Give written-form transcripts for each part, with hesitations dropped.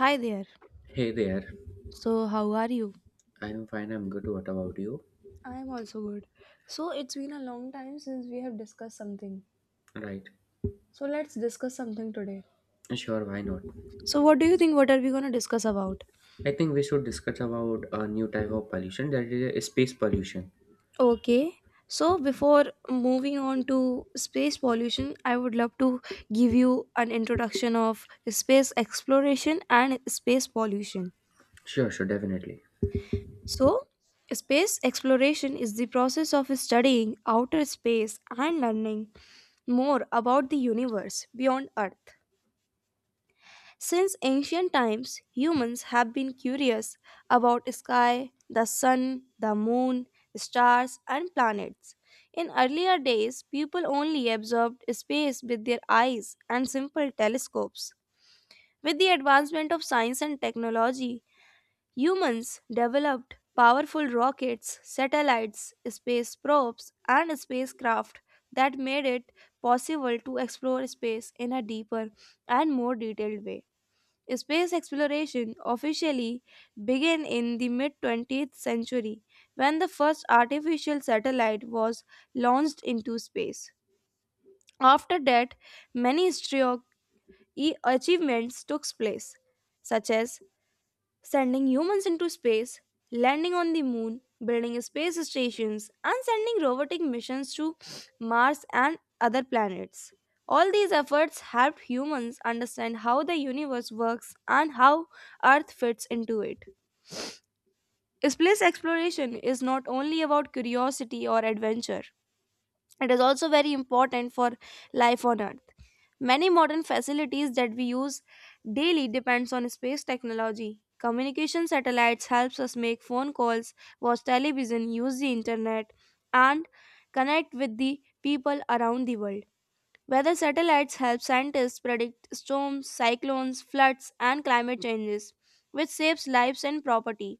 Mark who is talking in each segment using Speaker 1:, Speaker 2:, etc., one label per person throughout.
Speaker 1: Hi there.
Speaker 2: Hey there,
Speaker 1: So, how are you?
Speaker 2: I'm fine, I'm good. What about you?
Speaker 1: I'm also good. So it's been a long time since we have discussed something.
Speaker 2: Right,
Speaker 1: So let's discuss something today.
Speaker 2: sure, why not?
Speaker 1: So, what do you think? What are we going to discuss about?
Speaker 2: I think we should discuss about a new type of pollution that is space pollution.
Speaker 1: Okay. So, before moving on to space pollution, I would love to give you an introduction of space exploration and space pollution.
Speaker 2: Sure, sure, definitely.
Speaker 1: So, space exploration is the process of studying outer space and learning more about the universe beyond Earth. Since ancient times, humans have been curious about sky, the sun, the moon, stars, and planets. In earlier days, people only observed space with their eyes and simple telescopes. With the advancement of science and technology, humans developed powerful rockets, satellites, space probes, and spacecraft that made it possible to explore space in a deeper and more detailed way. Space exploration officially began in the mid 20th century when the first artificial satellite was launched into space. After that, many historic achievements took place, such as sending humans into space, landing on the moon, building space stations, and sending robotic missions to Mars and other planets. All these efforts helped humans understand how the universe works and how Earth fits into it. Space exploration is not only about curiosity or adventure, it is also very important for life on Earth. Many modern facilities that we use daily depends on space technology. Communication satellites helps us make phone calls, watch television, use the internet and connect with the people around the world. Weather satellites help scientists predict storms, cyclones, floods and climate changes, which saves lives and property.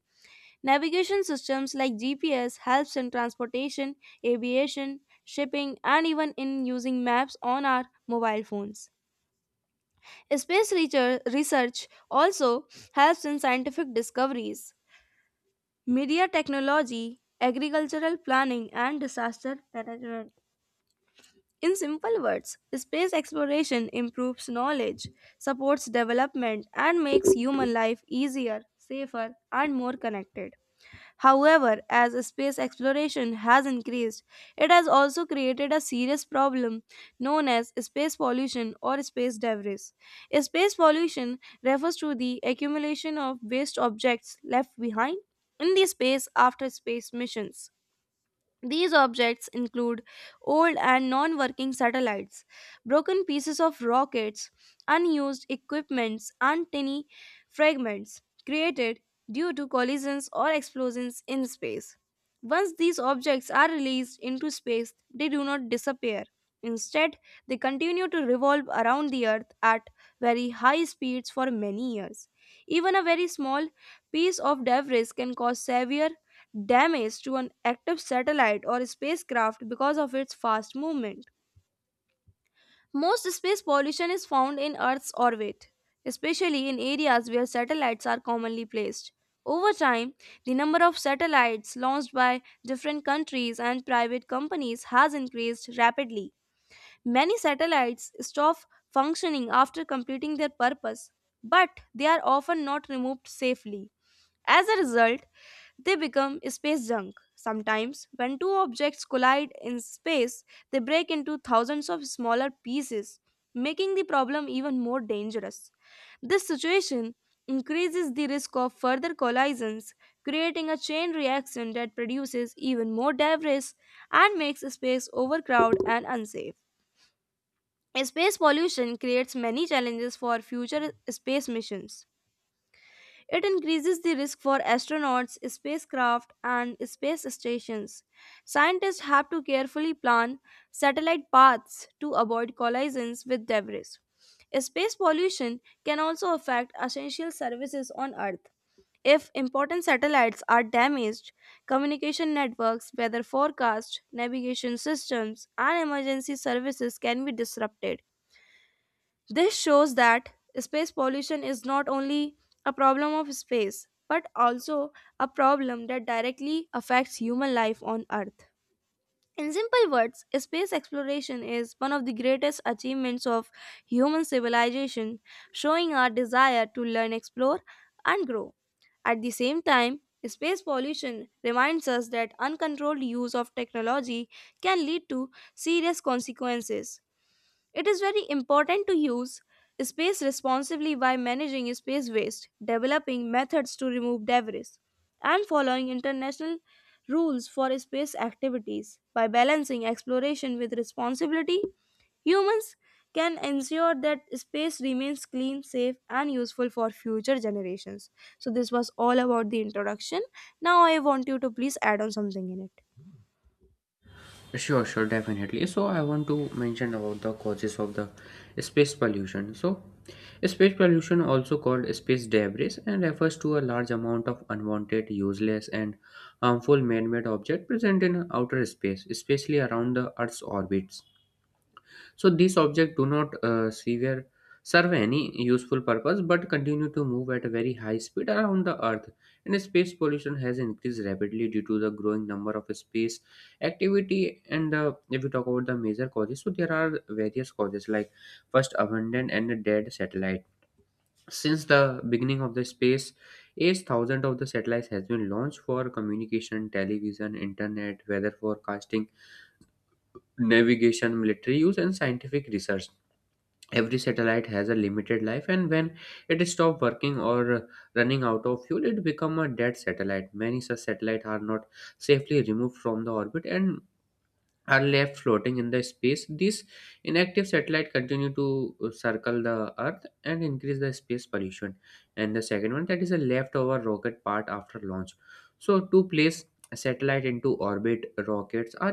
Speaker 1: Navigation systems like GPS helps in transportation, aviation, shipping and even in using maps on our mobile phones. Space research also helps in scientific discoveries, media technology, agricultural planning, and disaster management. In simple words, space exploration improves knowledge, supports development, and makes human life easier, safer, and more connected. However, as space exploration has increased, it has also created a serious problem known as space pollution or space debris. Space pollution refers to the accumulation of waste objects left behind in the space after space missions. These objects include old and non working satellites, broken pieces of rockets, unused equipments, and tiny fragments created due to collisions or explosions in space. Once these objects are released into space, they do not disappear. Instead, they continue to revolve around the Earth at very high speeds for many years. Even a very small piece of debris can cause severe damage to an active satellite or spacecraft because of its fast movement. Most space pollution is found in Earth's orbit, especially in areas where satellites are commonly placed. Over time, the number of satellites launched by different countries and private companies has increased rapidly. Many satellites stop functioning after completing their purpose, but they are often not removed safely. As a result, they become space junk. Sometimes, when two objects collide in space, they break into thousands of smaller pieces, making the problem even more dangerous. This situation increases the risk of further collisions, creating a chain reaction that produces even more debris and makes space overcrowded and unsafe. Space pollution creates many challenges for future space missions. It increases the risk for astronauts, spacecraft, and space stations. Scientists have to carefully plan satellite paths to avoid collisions with debris. Space pollution can also affect essential services on Earth. If important satellites are damaged, communication networks, weather forecasts, navigation systems, and emergency services can be disrupted. This shows that space pollution is not only a problem of space, but also a problem that directly affects human life on Earth. In simple words, space exploration is one of the greatest achievements of human civilization, showing our desire to learn, explore, and grow. At the same time, space pollution reminds us that uncontrolled use of technology can lead to serious consequences it is very important to use space responsibly by managing space waste, developing methods to remove debris, and following international rules for space activities. By balancing exploration with responsibility, humans can ensure that space remains clean, safe, and useful for future generations. So, this was all about the introduction. Now, I want you to please add on something in it.
Speaker 2: Sure, sure, definitely. So, I want to mention about the causes of the space pollution. So, space pollution, also called space debris, and refers to a large amount of unwanted, useless, and harmful man made objects present in outer space, especially around the Earth's orbits. So these objects do not serve any useful purpose but continue to move at a very high speed around the Earth. And space pollution has increased rapidly due to the growing number of space activity. And if we talk about the major causes, so there are various causes like first abandoned and dead satellite. Since the beginning of the space age, thousands of the satellites has been launched for communication, television, internet, weather forecasting, navigation, military use, and scientific research. Every satellite has a limited life, and when it stops working or running out of fuel, it becomes a dead satellite. Many such satellites are not safely removed from the orbit and are left floating in the space. These inactive satellites continue to circle the earth and increase the space pollution. And the second one, that is a leftover rocket part after launch. So to place a satellite into orbit, rockets are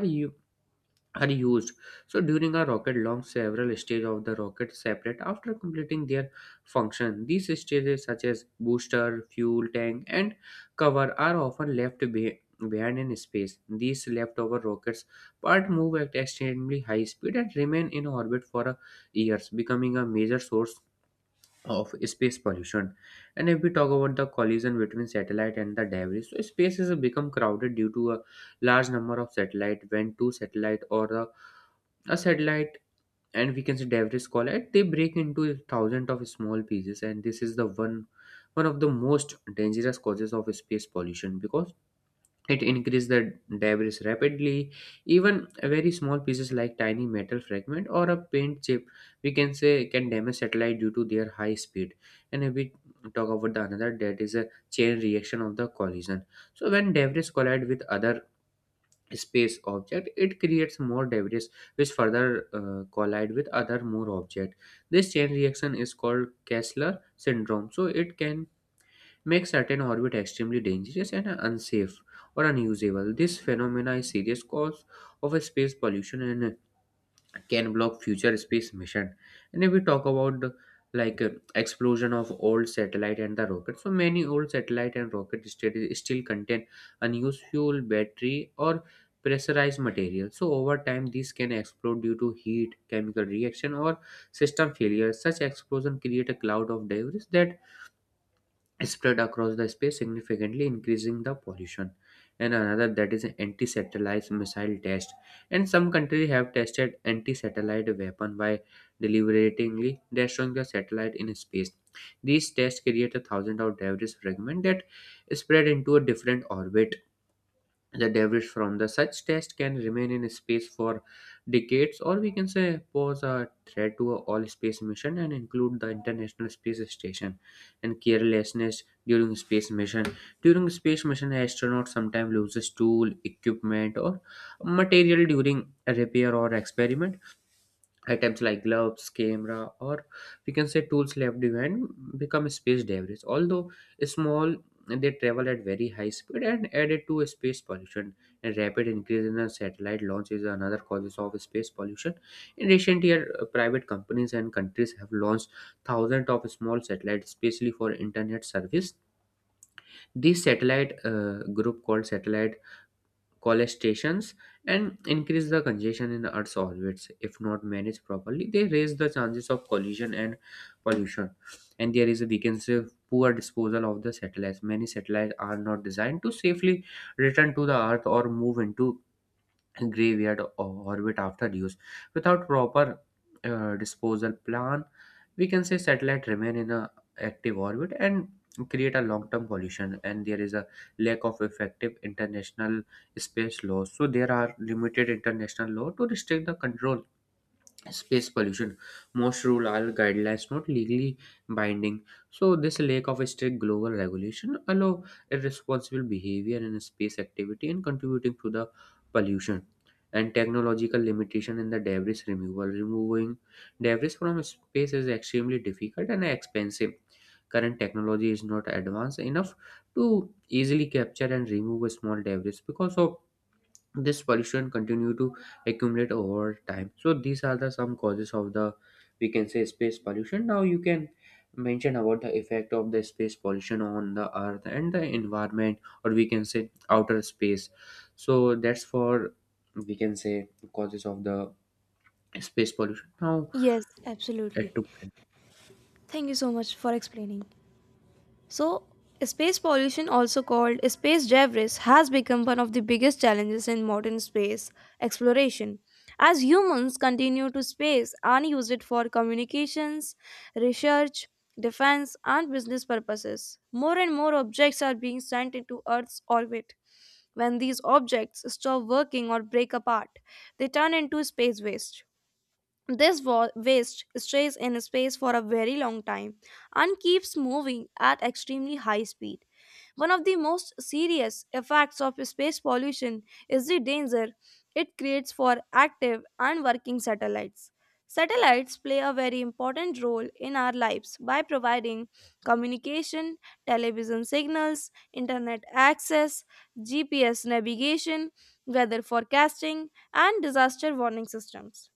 Speaker 2: are used. So during a rocket launch, several stages of the rocket separate after completing their function. These stages, such as booster, fuel tank, and cover, are often left behind in space. These leftover rockets part move at extremely high speed and remain in orbit for years, becoming a major source of space pollution. And if we talk about the collision between satellite and the debris, so space has become crowded due to a large number of satellite. When two satellite or a satellite and we can say debris collide, they break into thousands of small pieces, and this is the one of the most dangerous causes of space pollution because it increased the debris rapidly. Even very small pieces like tiny metal fragment or a paint chip, we can say, can damage satellite due to their high speed. And if we talk about the another, that is a chain reaction of the collision. So when debris collide with other space object, it creates more debris which further collide with other more object. This chain reaction is called Kessler syndrome. So it can make certain orbit extremely dangerous and unsafe or unusable. This phenomena is serious cause of a space pollution and can block future space mission. And if we talk about the, like explosion of old satellite and the rocket, so many old satellite and rocket still contain unused fuel, battery, or pressurized material. So over time, these can explode due to heat, chemical reaction, or system failure. Such explosion create a cloud of debris that spread across the space, significantly increasing the pollution. And another that is anti-satellite missile test. And some countries have tested anti-satellite weapon by deliberately destroying the satellite in space. These tests create a thousand of debris fragment that spread into a different orbit. The debris from the such test can remain in space for decades, or we can say pose a threat to a all space mission and include the international space station. And carelessness during space mission. During space mission, astronauts sometimes loses tool equipment or material during repair or experiment. Items like gloves, camera, or we can say tools left behind become space debris. Although small, they travel at very high speed and added to space pollution. And rapid increase in the satellite launch is another causes of space pollution. In recent years, private companies and countries have launched thousands of small satellites, especially for internet service. This satellite group called satellite college stations and increase the congestion in the Earth's orbits. If not managed properly, they raise the chances of collision and pollution. And there is a we can say poor disposal of the satellites. Many satellites are not designed to safely return to the Earth or move into graveyard orbit after use. Without proper disposal plan, we can say satellite remain in a active orbit and create a long-term pollution. And there is a lack of effective international space laws. So there are limited international law to restrict the control space pollution. Most rule are guidelines, not legally binding, so this lack of a strict global regulation allow irresponsible behavior in space activity and contributing to the pollution. And technological limitation in the debris removal. Removing debris from space is extremely difficult and expensive. Current technology is not advanced enough to easily capture and remove small debris. Because of this, pollution continue to accumulate over time. So these are the some causes of the, we can say, space pollution. Now you can mention about the effect of the space pollution on the earth and the environment, or we can say outer space. So that's for, we can say, causes of the space pollution now
Speaker 1: Yes,
Speaker 2: at
Speaker 1: absolutely.
Speaker 2: two.
Speaker 1: Thank you so much for explaining. So, space pollution, also called space debris, has become one of the biggest challenges in modern space exploration. As humans continue to space and use it for communications, research, defense, and business purposes, more and more objects are being sent into Earth's orbit. When these objects stop working or break apart, they turn into space waste. This waste stays in space for a very long time and keeps moving at extremely high speed. One of the most serious effects of space pollution is the danger it creates for active and working satellites. Satellites play a very important role in our lives by providing communication, television signals, internet access, GPS navigation, weather forecasting, and disaster warning systems.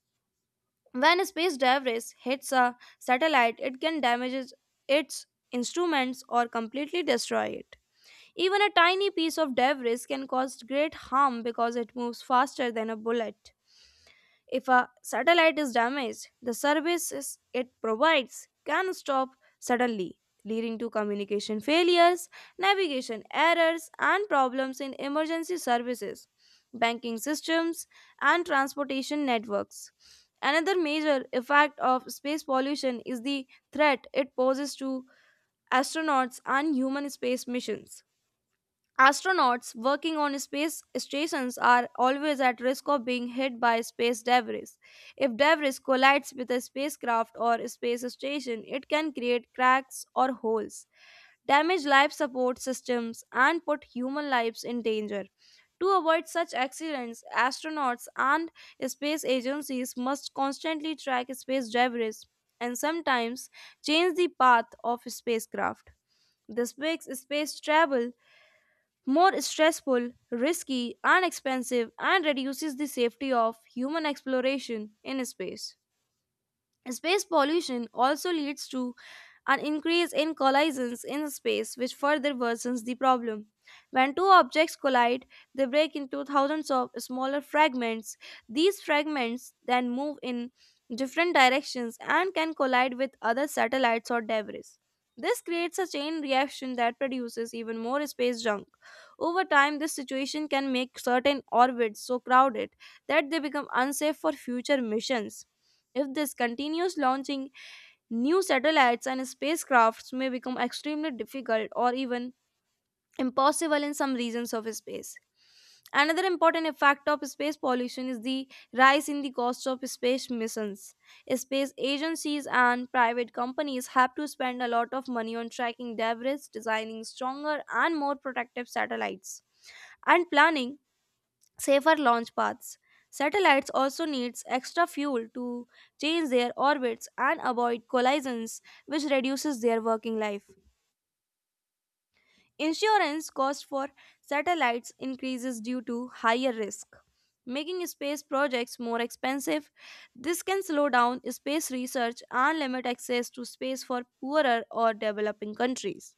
Speaker 1: When a space debris hits a satellite, it can damage its instruments or completely destroy it. Even a tiny piece of debris can cause great harm because it moves faster than a bullet. If a satellite is damaged, the services it provides can stop suddenly, leading to communication failures, navigation errors, and problems in emergency services, banking systems, and transportation networks. Another major effect of space pollution is the threat it poses to astronauts and human space missions. Astronauts working on space stations are always at risk of being hit by space debris. If debris collides with a spacecraft or space station, it can create cracks or holes, damage life support systems, and put human lives in danger. To avoid such accidents, astronauts and space agencies must constantly track space debris and sometimes change the path of spacecraft. This makes space travel more stressful, risky, and expensive, and reduces the safety of human exploration in space. Space pollution also leads to an increase in collisions in space, which further worsens the problem. When two objects collide, they break into thousands of smaller fragments. These fragments then move in different directions and can collide with other satellites or debris. This creates a chain reaction that produces even more space junk. Over time, this situation can make certain orbits so crowded that they become unsafe for future missions. If this continues, launching new satellites and spacecrafts may become extremely difficult or even impossible in some regions of space. Another important effect of space pollution is the rise in the cost of space missions. Space agencies and private companies have to spend a lot of money on tracking debris, designing stronger and more protective satellites, and planning safer launch paths. Satellites also needs extra fuel to change their orbits and avoid collisions, which reduces their working life. Insurance cost for satellites increases due to higher risk, making space projects more expensive. This can slow down space research and limit access to space for poorer or developing countries.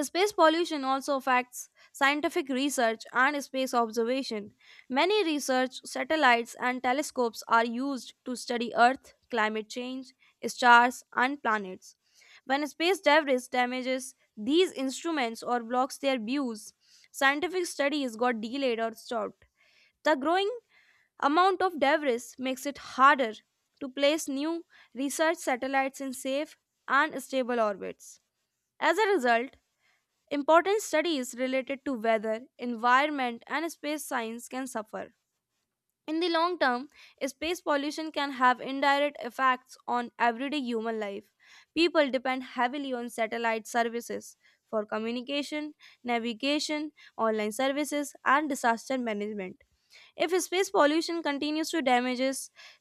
Speaker 1: Space pollution also affects scientific research and space observation. Many research satellites and telescopes are used to study Earth, climate change, stars, and planets. When space debris damages these instruments or blocks their views, scientific studies got delayed or stopped. The growing amount of debris makes it harder to place new research satellites in safe and stable orbits. As a result, important studies related to weather, environment, and space science can suffer. In the long term, space pollution can have indirect effects on everyday human life. People depend heavily on satellite services for communication, navigation, online services, and disaster management. If space pollution continues to damage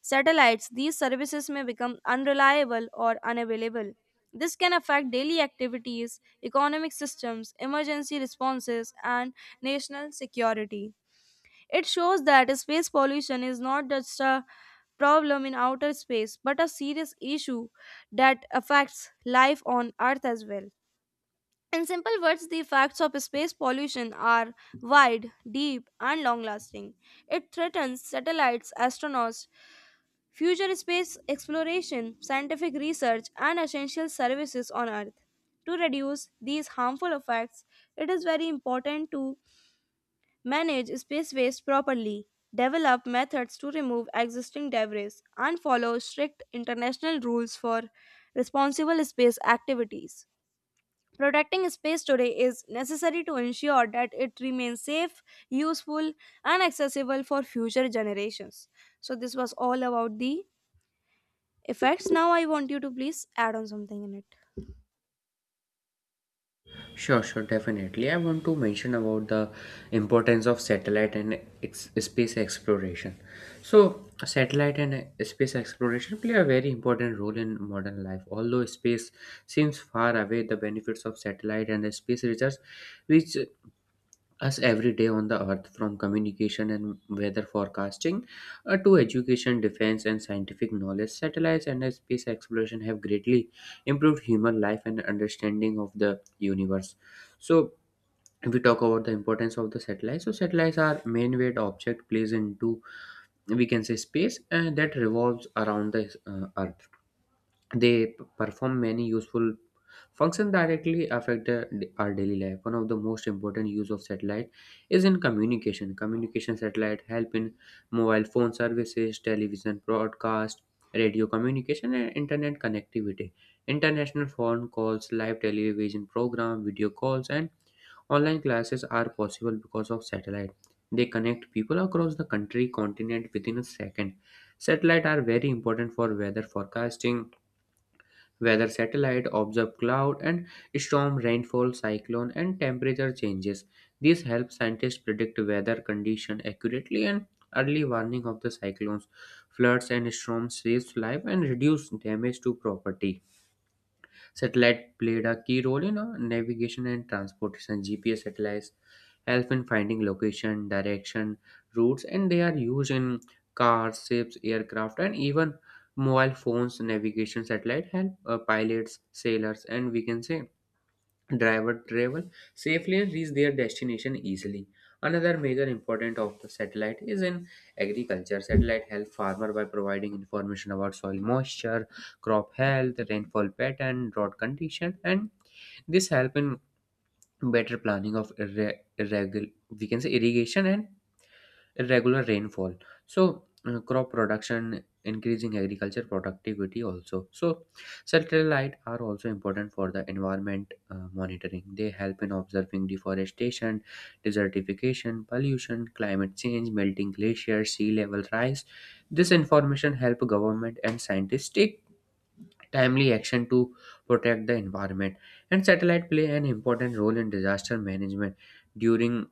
Speaker 1: satellites, these services may become unreliable or unavailable. This can affect daily activities, economic systems, emergency responses, and national security. It shows that space pollution is not just a problem in outer space, but a serious issue that affects life on Earth as well. In simple words, the effects of space pollution are wide, deep, and long lasting. It threatens satellites, astronauts, future space exploration, scientific research, and essential services on Earth. To reduce these harmful effects, it is very important to manage space waste properly, develop methods to remove existing debris, and follow strict international rules for responsible space activities. Protecting space today is necessary to ensure that it remains safe, useful, and accessible for future generations. So, this was all about the effects. Now, I want you to please add on something in it.
Speaker 2: Sure, sure, definitely. I want to mention about the importance of satellite and space exploration. So, satellite and space exploration play a very important role in modern life. Although space seems far away, the benefits of satellite and space research reach us every day on the earth, from communication and weather forecasting to education, defense, and scientific knowledge. Satellites and space exploration have greatly improved human life and understanding of the universe. So if we talk about the importance of the satellites, so satellites are main weight object placed into, we can say, space, and that revolves around the earth. They perform many useful functions directly affect our daily life. One of the most important use of satellite is in communication. Communication satellite help in mobile phone services, television broadcast, radio communication, and internet connectivity. International phone calls, live television program, video calls, and online classes are possible because of satellite. They connect people across the country continent within a second. Satellite are very important for weather forecasting. Weather satellite observe cloud and storm, rainfall, cyclone, and temperature changes. This helps scientists predict weather condition accurately, and early warning of the cyclones, floods, and storms saves life and reduce damage to property. Satellite played a key role in navigation and transportation. GPS satellites help in finding location, direction, routes, and they are used in cars, ships, aircraft, and even mobile phones. Navigation satellite help pilots, sailors, and we can say driver travel safely and reach their destination easily. Another major important of the satellite is in agriculture. Satellite help farmer by providing information about soil moisture, crop health, rainfall pattern, drought condition, and this help in better planning of irregular, we can say, irrigation and irregular rainfall. So crop production increasing agriculture productivity also. So satellite are also important for the environment monitoring. They help in observing deforestation, desertification, pollution, climate change, melting glaciers, sea level rise. This information help government and scientists take timely action to protect the environment. And satellite play an important role in disaster management during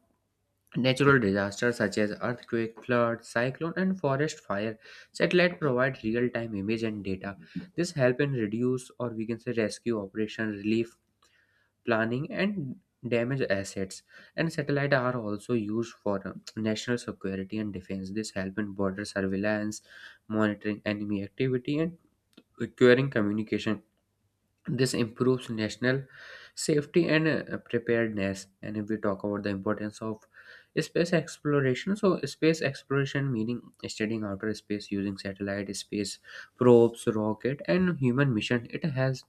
Speaker 2: natural disasters such as earthquake, flood, cyclone, and forest fire. Satellite provide real-time image and data. This help in reduce or we can say rescue operation, relief planning, and damage assets. And satellite are also used for national security and defense. This help in border surveillance, monitoring enemy activity, and securing communication. This improves national safety and preparedness. And if we talk about the importance of space exploration, so space exploration meaning studying outer space using satellite, space probes, rocket, and human mission. It has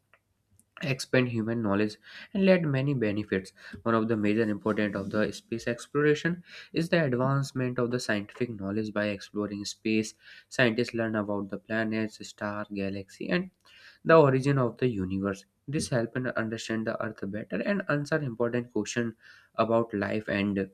Speaker 2: expand human knowledge and led many benefits. One of the major important of the space exploration is the advancement of the scientific knowledge. By exploring space, scientists learn about the planets, star, galaxy, and the origin of the universe. This helps us understand the earth better and answer important questions about life and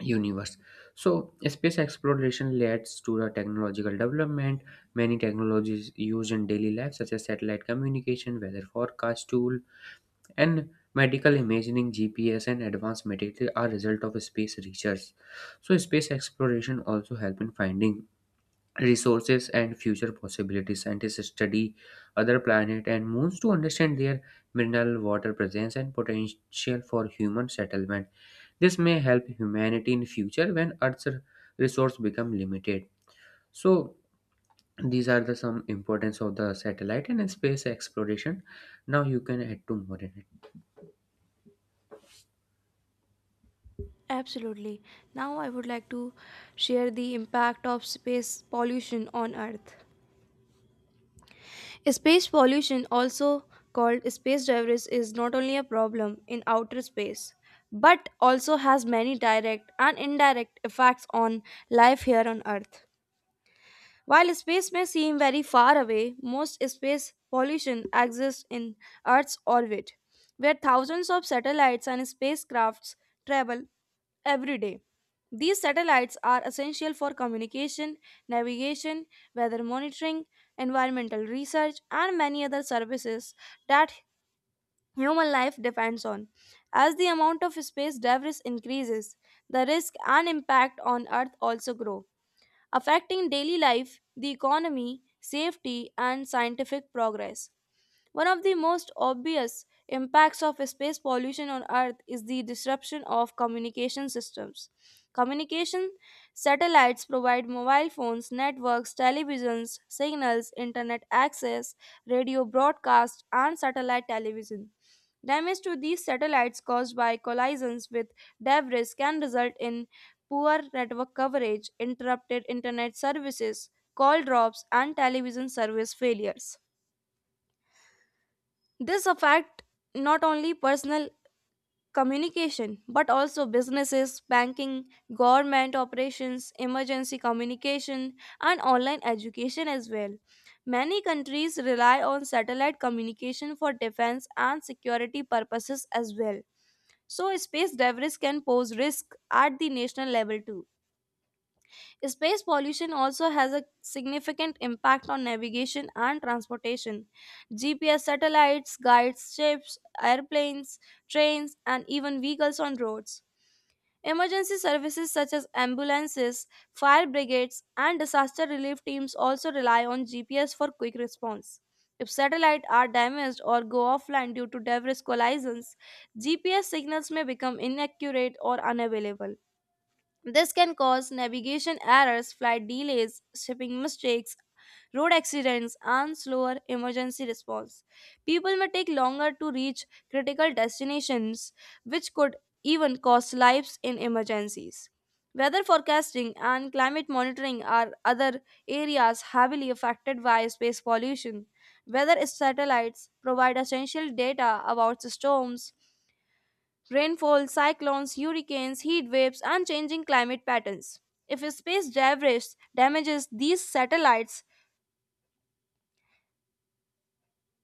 Speaker 2: universe. So space exploration leads to the technological development. Many technologies used in daily life, such as satellite communication, weather forecast tool, and medical imaging, GPS and advanced material are result of space research. So space exploration also help in finding resources and future possibilities. Scientists study other planets and moons to understand their mineral water presence and potential for human settlement. This may help humanity in future when Earth's resources become limited. So these are the some importance of the satellite and space exploration. Now you can add to more in it.
Speaker 1: Absolutely. Now I would like to share the impact of space pollution on Earth. Space pollution, also called space debris, is not only a problem in outer space but also has many direct and indirect effects on life here on Earth. While space may seem very far away, most space pollution exists in Earth's orbit, where thousands of satellites and spacecrafts travel every day. These satellites are essential for communication, navigation, weather monitoring, environmental research, and many other services that human life depends on. As the amount of space debris increases, the risk and impact on Earth also grow affecting daily life, the economy, safety, and scientific progress. One of the most obvious impacts of space pollution on Earth is the disruption of communication systems. Communication satellites provide mobile phones, networks, televisions, signals, internet access, radio broadcast, and satellite television. Damage to these satellites caused by collisions with debris can result in poor network coverage, interrupted internet services, call drops, and television service failures. This affect not only personal communication but also businesses, banking, government operations, emergency communication and online education as well. Many countries rely on satellite communication for defense and security purposes as well. So space debris can pose risk at the national level too. Space pollution also has a significant impact on navigation and transportation. GPS satellites guides ships, airplanes, trains, and even vehicles on roads. Emergency services such as ambulances, fire brigades, and disaster relief teams also rely on GPS for quick response. If satellites are damaged or go offline due to debris collisions, GPS signals may become inaccurate or unavailable. This can cause navigation errors, flight delays, shipping mistakes, road accidents, and slower emergency response. People may take longer to reach critical destinations, which could even cost lives in emergencies. Weather forecasting and climate monitoring are other areas heavily affected by space pollution. Weather satellites provide essential data about storms, rainfall, cyclones, hurricanes, heat waves, and changing climate patterns. If space debris damages these satellites,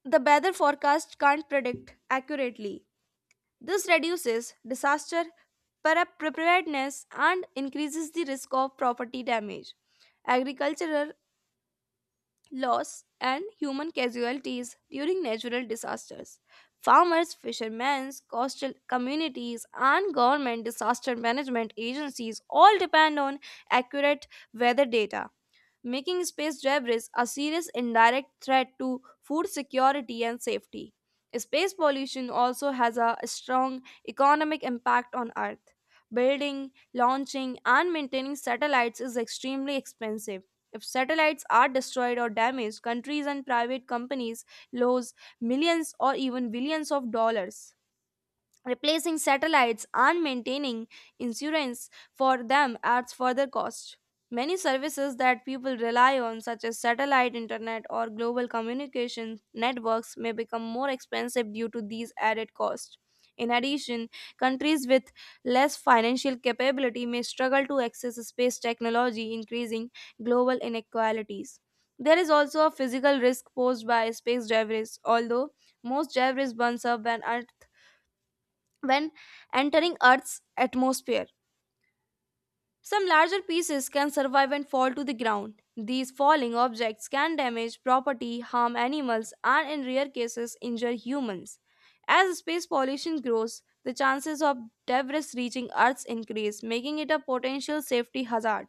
Speaker 1: the weather forecast can't predict accurately. This reduces disaster preparedness and increases the risk of property damage. Agricultural loss, and human casualties during natural disasters. Farmers, fishermen, coastal communities, and government disaster management agencies all depend on accurate weather data making space debris a serious indirect threat to food security and safety. Space pollution also has a strong economic impact on Earth. Building, launching, and maintaining satellites is extremely expensive. If satellites are destroyed or damaged, countries and private companies lose millions or even billions of dollars replacing satellites and maintaining insurance for them adds further cost. Many services that people rely on, such as satellite internet or global communication networks, may become more expensive due to these added costs. In addition, countries with less financial capability may struggle to access space technology, increasing global inequalities. There is also a physical risk posed by space debris, although most debris burns up when entering Earth's atmosphere. Some larger pieces can survive and fall to the ground. These falling objects can damage property, harm animals, and in rare cases, injure humans. As space pollution grows, the chances of debris reaching Earth increase, making it a potential safety hazard.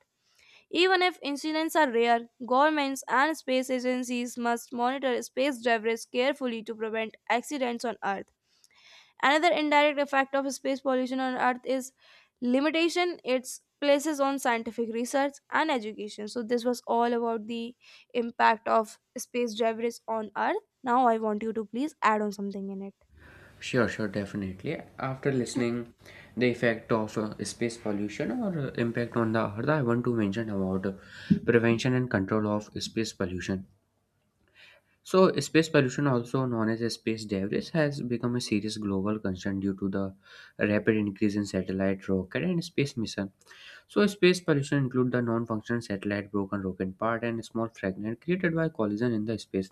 Speaker 1: Even if incidents are rare, governments and space agencies must monitor space debris carefully to prevent accidents on Earth. Another indirect effect of space pollution on Earth is limitation its places on scientific research and education. So, this was all about the impact of space debris on Earth. Now, I want you to please add on something in it.
Speaker 2: Sure, sure, definitely. After listening the effect of space pollution or impact on the earth, I want to mention about prevention and control of space pollution. So, space pollution, also known as space debris, has become a serious global concern due to the rapid increase in satellite, rocket, and space mission. So, space pollution include the non-functional satellite, broken rocket part, and small fragment created by collision in the space.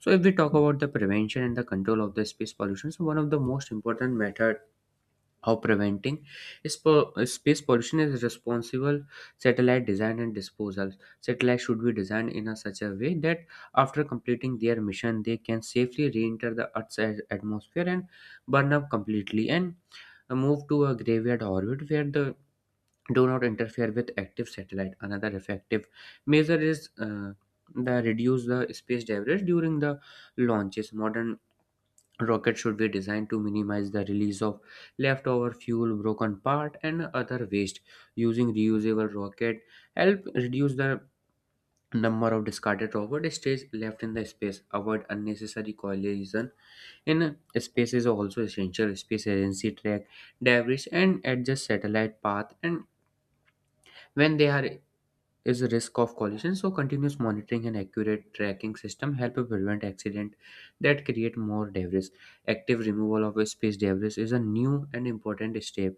Speaker 2: So, if we talk about the prevention and the control of the space pollution, so one of the most important method how preventing space pollution is responsible satellite design and disposal. Satellites should be designed in a such a way that after completing their mission, they can safely re-enter the Earth's atmosphere and burn up completely and move to a graveyard orbit where the do not interfere with active satellite. Another effective measure is the reduce the space debris during the launches. Modern rockets should be designed to minimize the release of leftover fuel, broken part, and other waste. Using reusable rocket help reduce the number of discarded rocket stays left in the space. Avoid unnecessary collision in space is also essential. Space agency track debris and adjust satellite path and when they are is the risk of collision. So, continuous monitoring and accurate tracking system help prevent accident that create more debris. Active removal of space debris is a new and important step.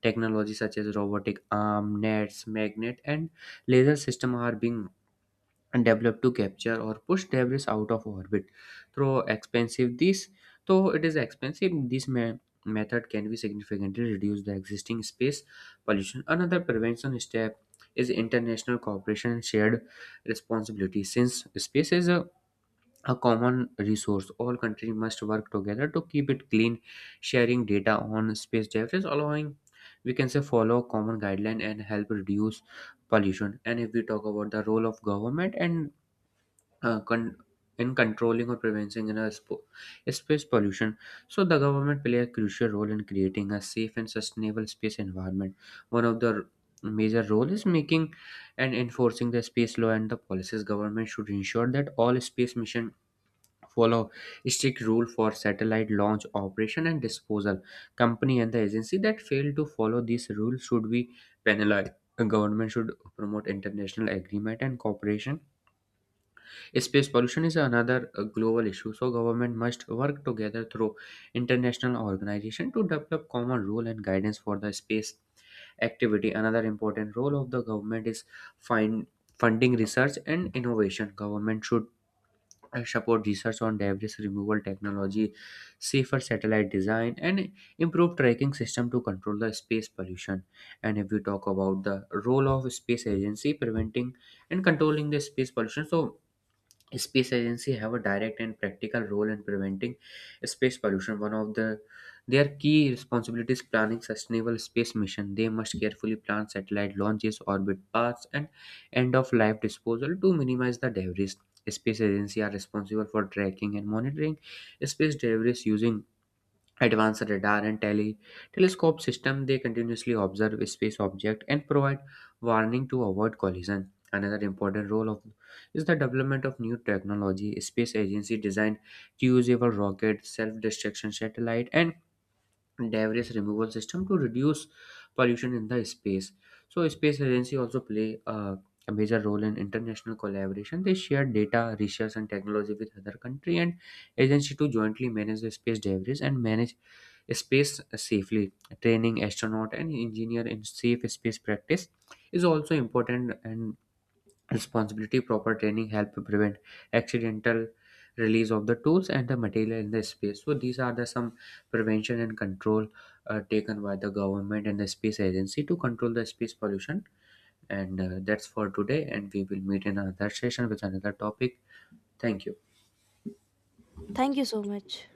Speaker 2: Technology such as robotic arm, nets, magnet, and laser system are being and developed to capture or push debris out of orbit through expensive these though it is expensive, this method can be significantly reduce the existing space pollution. Another prevention step is international cooperation and shared responsibility. Since space is a common resource, all countries must work together to keep it clean. Sharing data on space debris allowing we can say follow common guideline and help reduce pollution. And if we talk about the role of government and uh, con- in controlling or preventing in a space pollution. So the government play a crucial role in creating a safe and sustainable space environment. One of the major role is making and enforcing the space law and the policies. Government should ensure that all space mission follow strict rule for satellite launch operation and disposal. Company and the agency that fail to follow these rules should be penalized. The government should promote international agreement and cooperation. Space pollution is another global issue, so government must work together through international organization to develop common rule and guidance for the space activity. Another important role of the government is find, funding research and innovation. Government should support research on debris removal technology, safer satellite design, and improve tracking system to control the space pollution. And if we talk about the role of space agency preventing and controlling the space pollution, so space agency have a direct and practical role in preventing space pollution. One of the their key responsibilities planning sustainable space mission. They must carefully plan satellite launches, orbit paths, and end of life disposal to minimize the debris. Space agency are responsible for tracking and monitoring space debris using advanced radar and telescope system. They continuously observe space object and provide warning to avoid collision. Another important role of is the development of new technology. Space agency designed reusable rocket, self-destruction satellite, and debris removal system to reduce pollution in the space. So space agency also play a major role in international collaboration. They share data, research, and technology with other country and agency to jointly manage the space debris and manage space safely. Training astronaut and engineer in safe space practice is also important and responsibility. Proper training help prevent accidental release of the tools and the material in the space. So these are the some prevention and control taken by the government and the space agency to control the space pollution, and that's for today and we will meet in another session with another topic. Thank you.
Speaker 1: Thank you so much.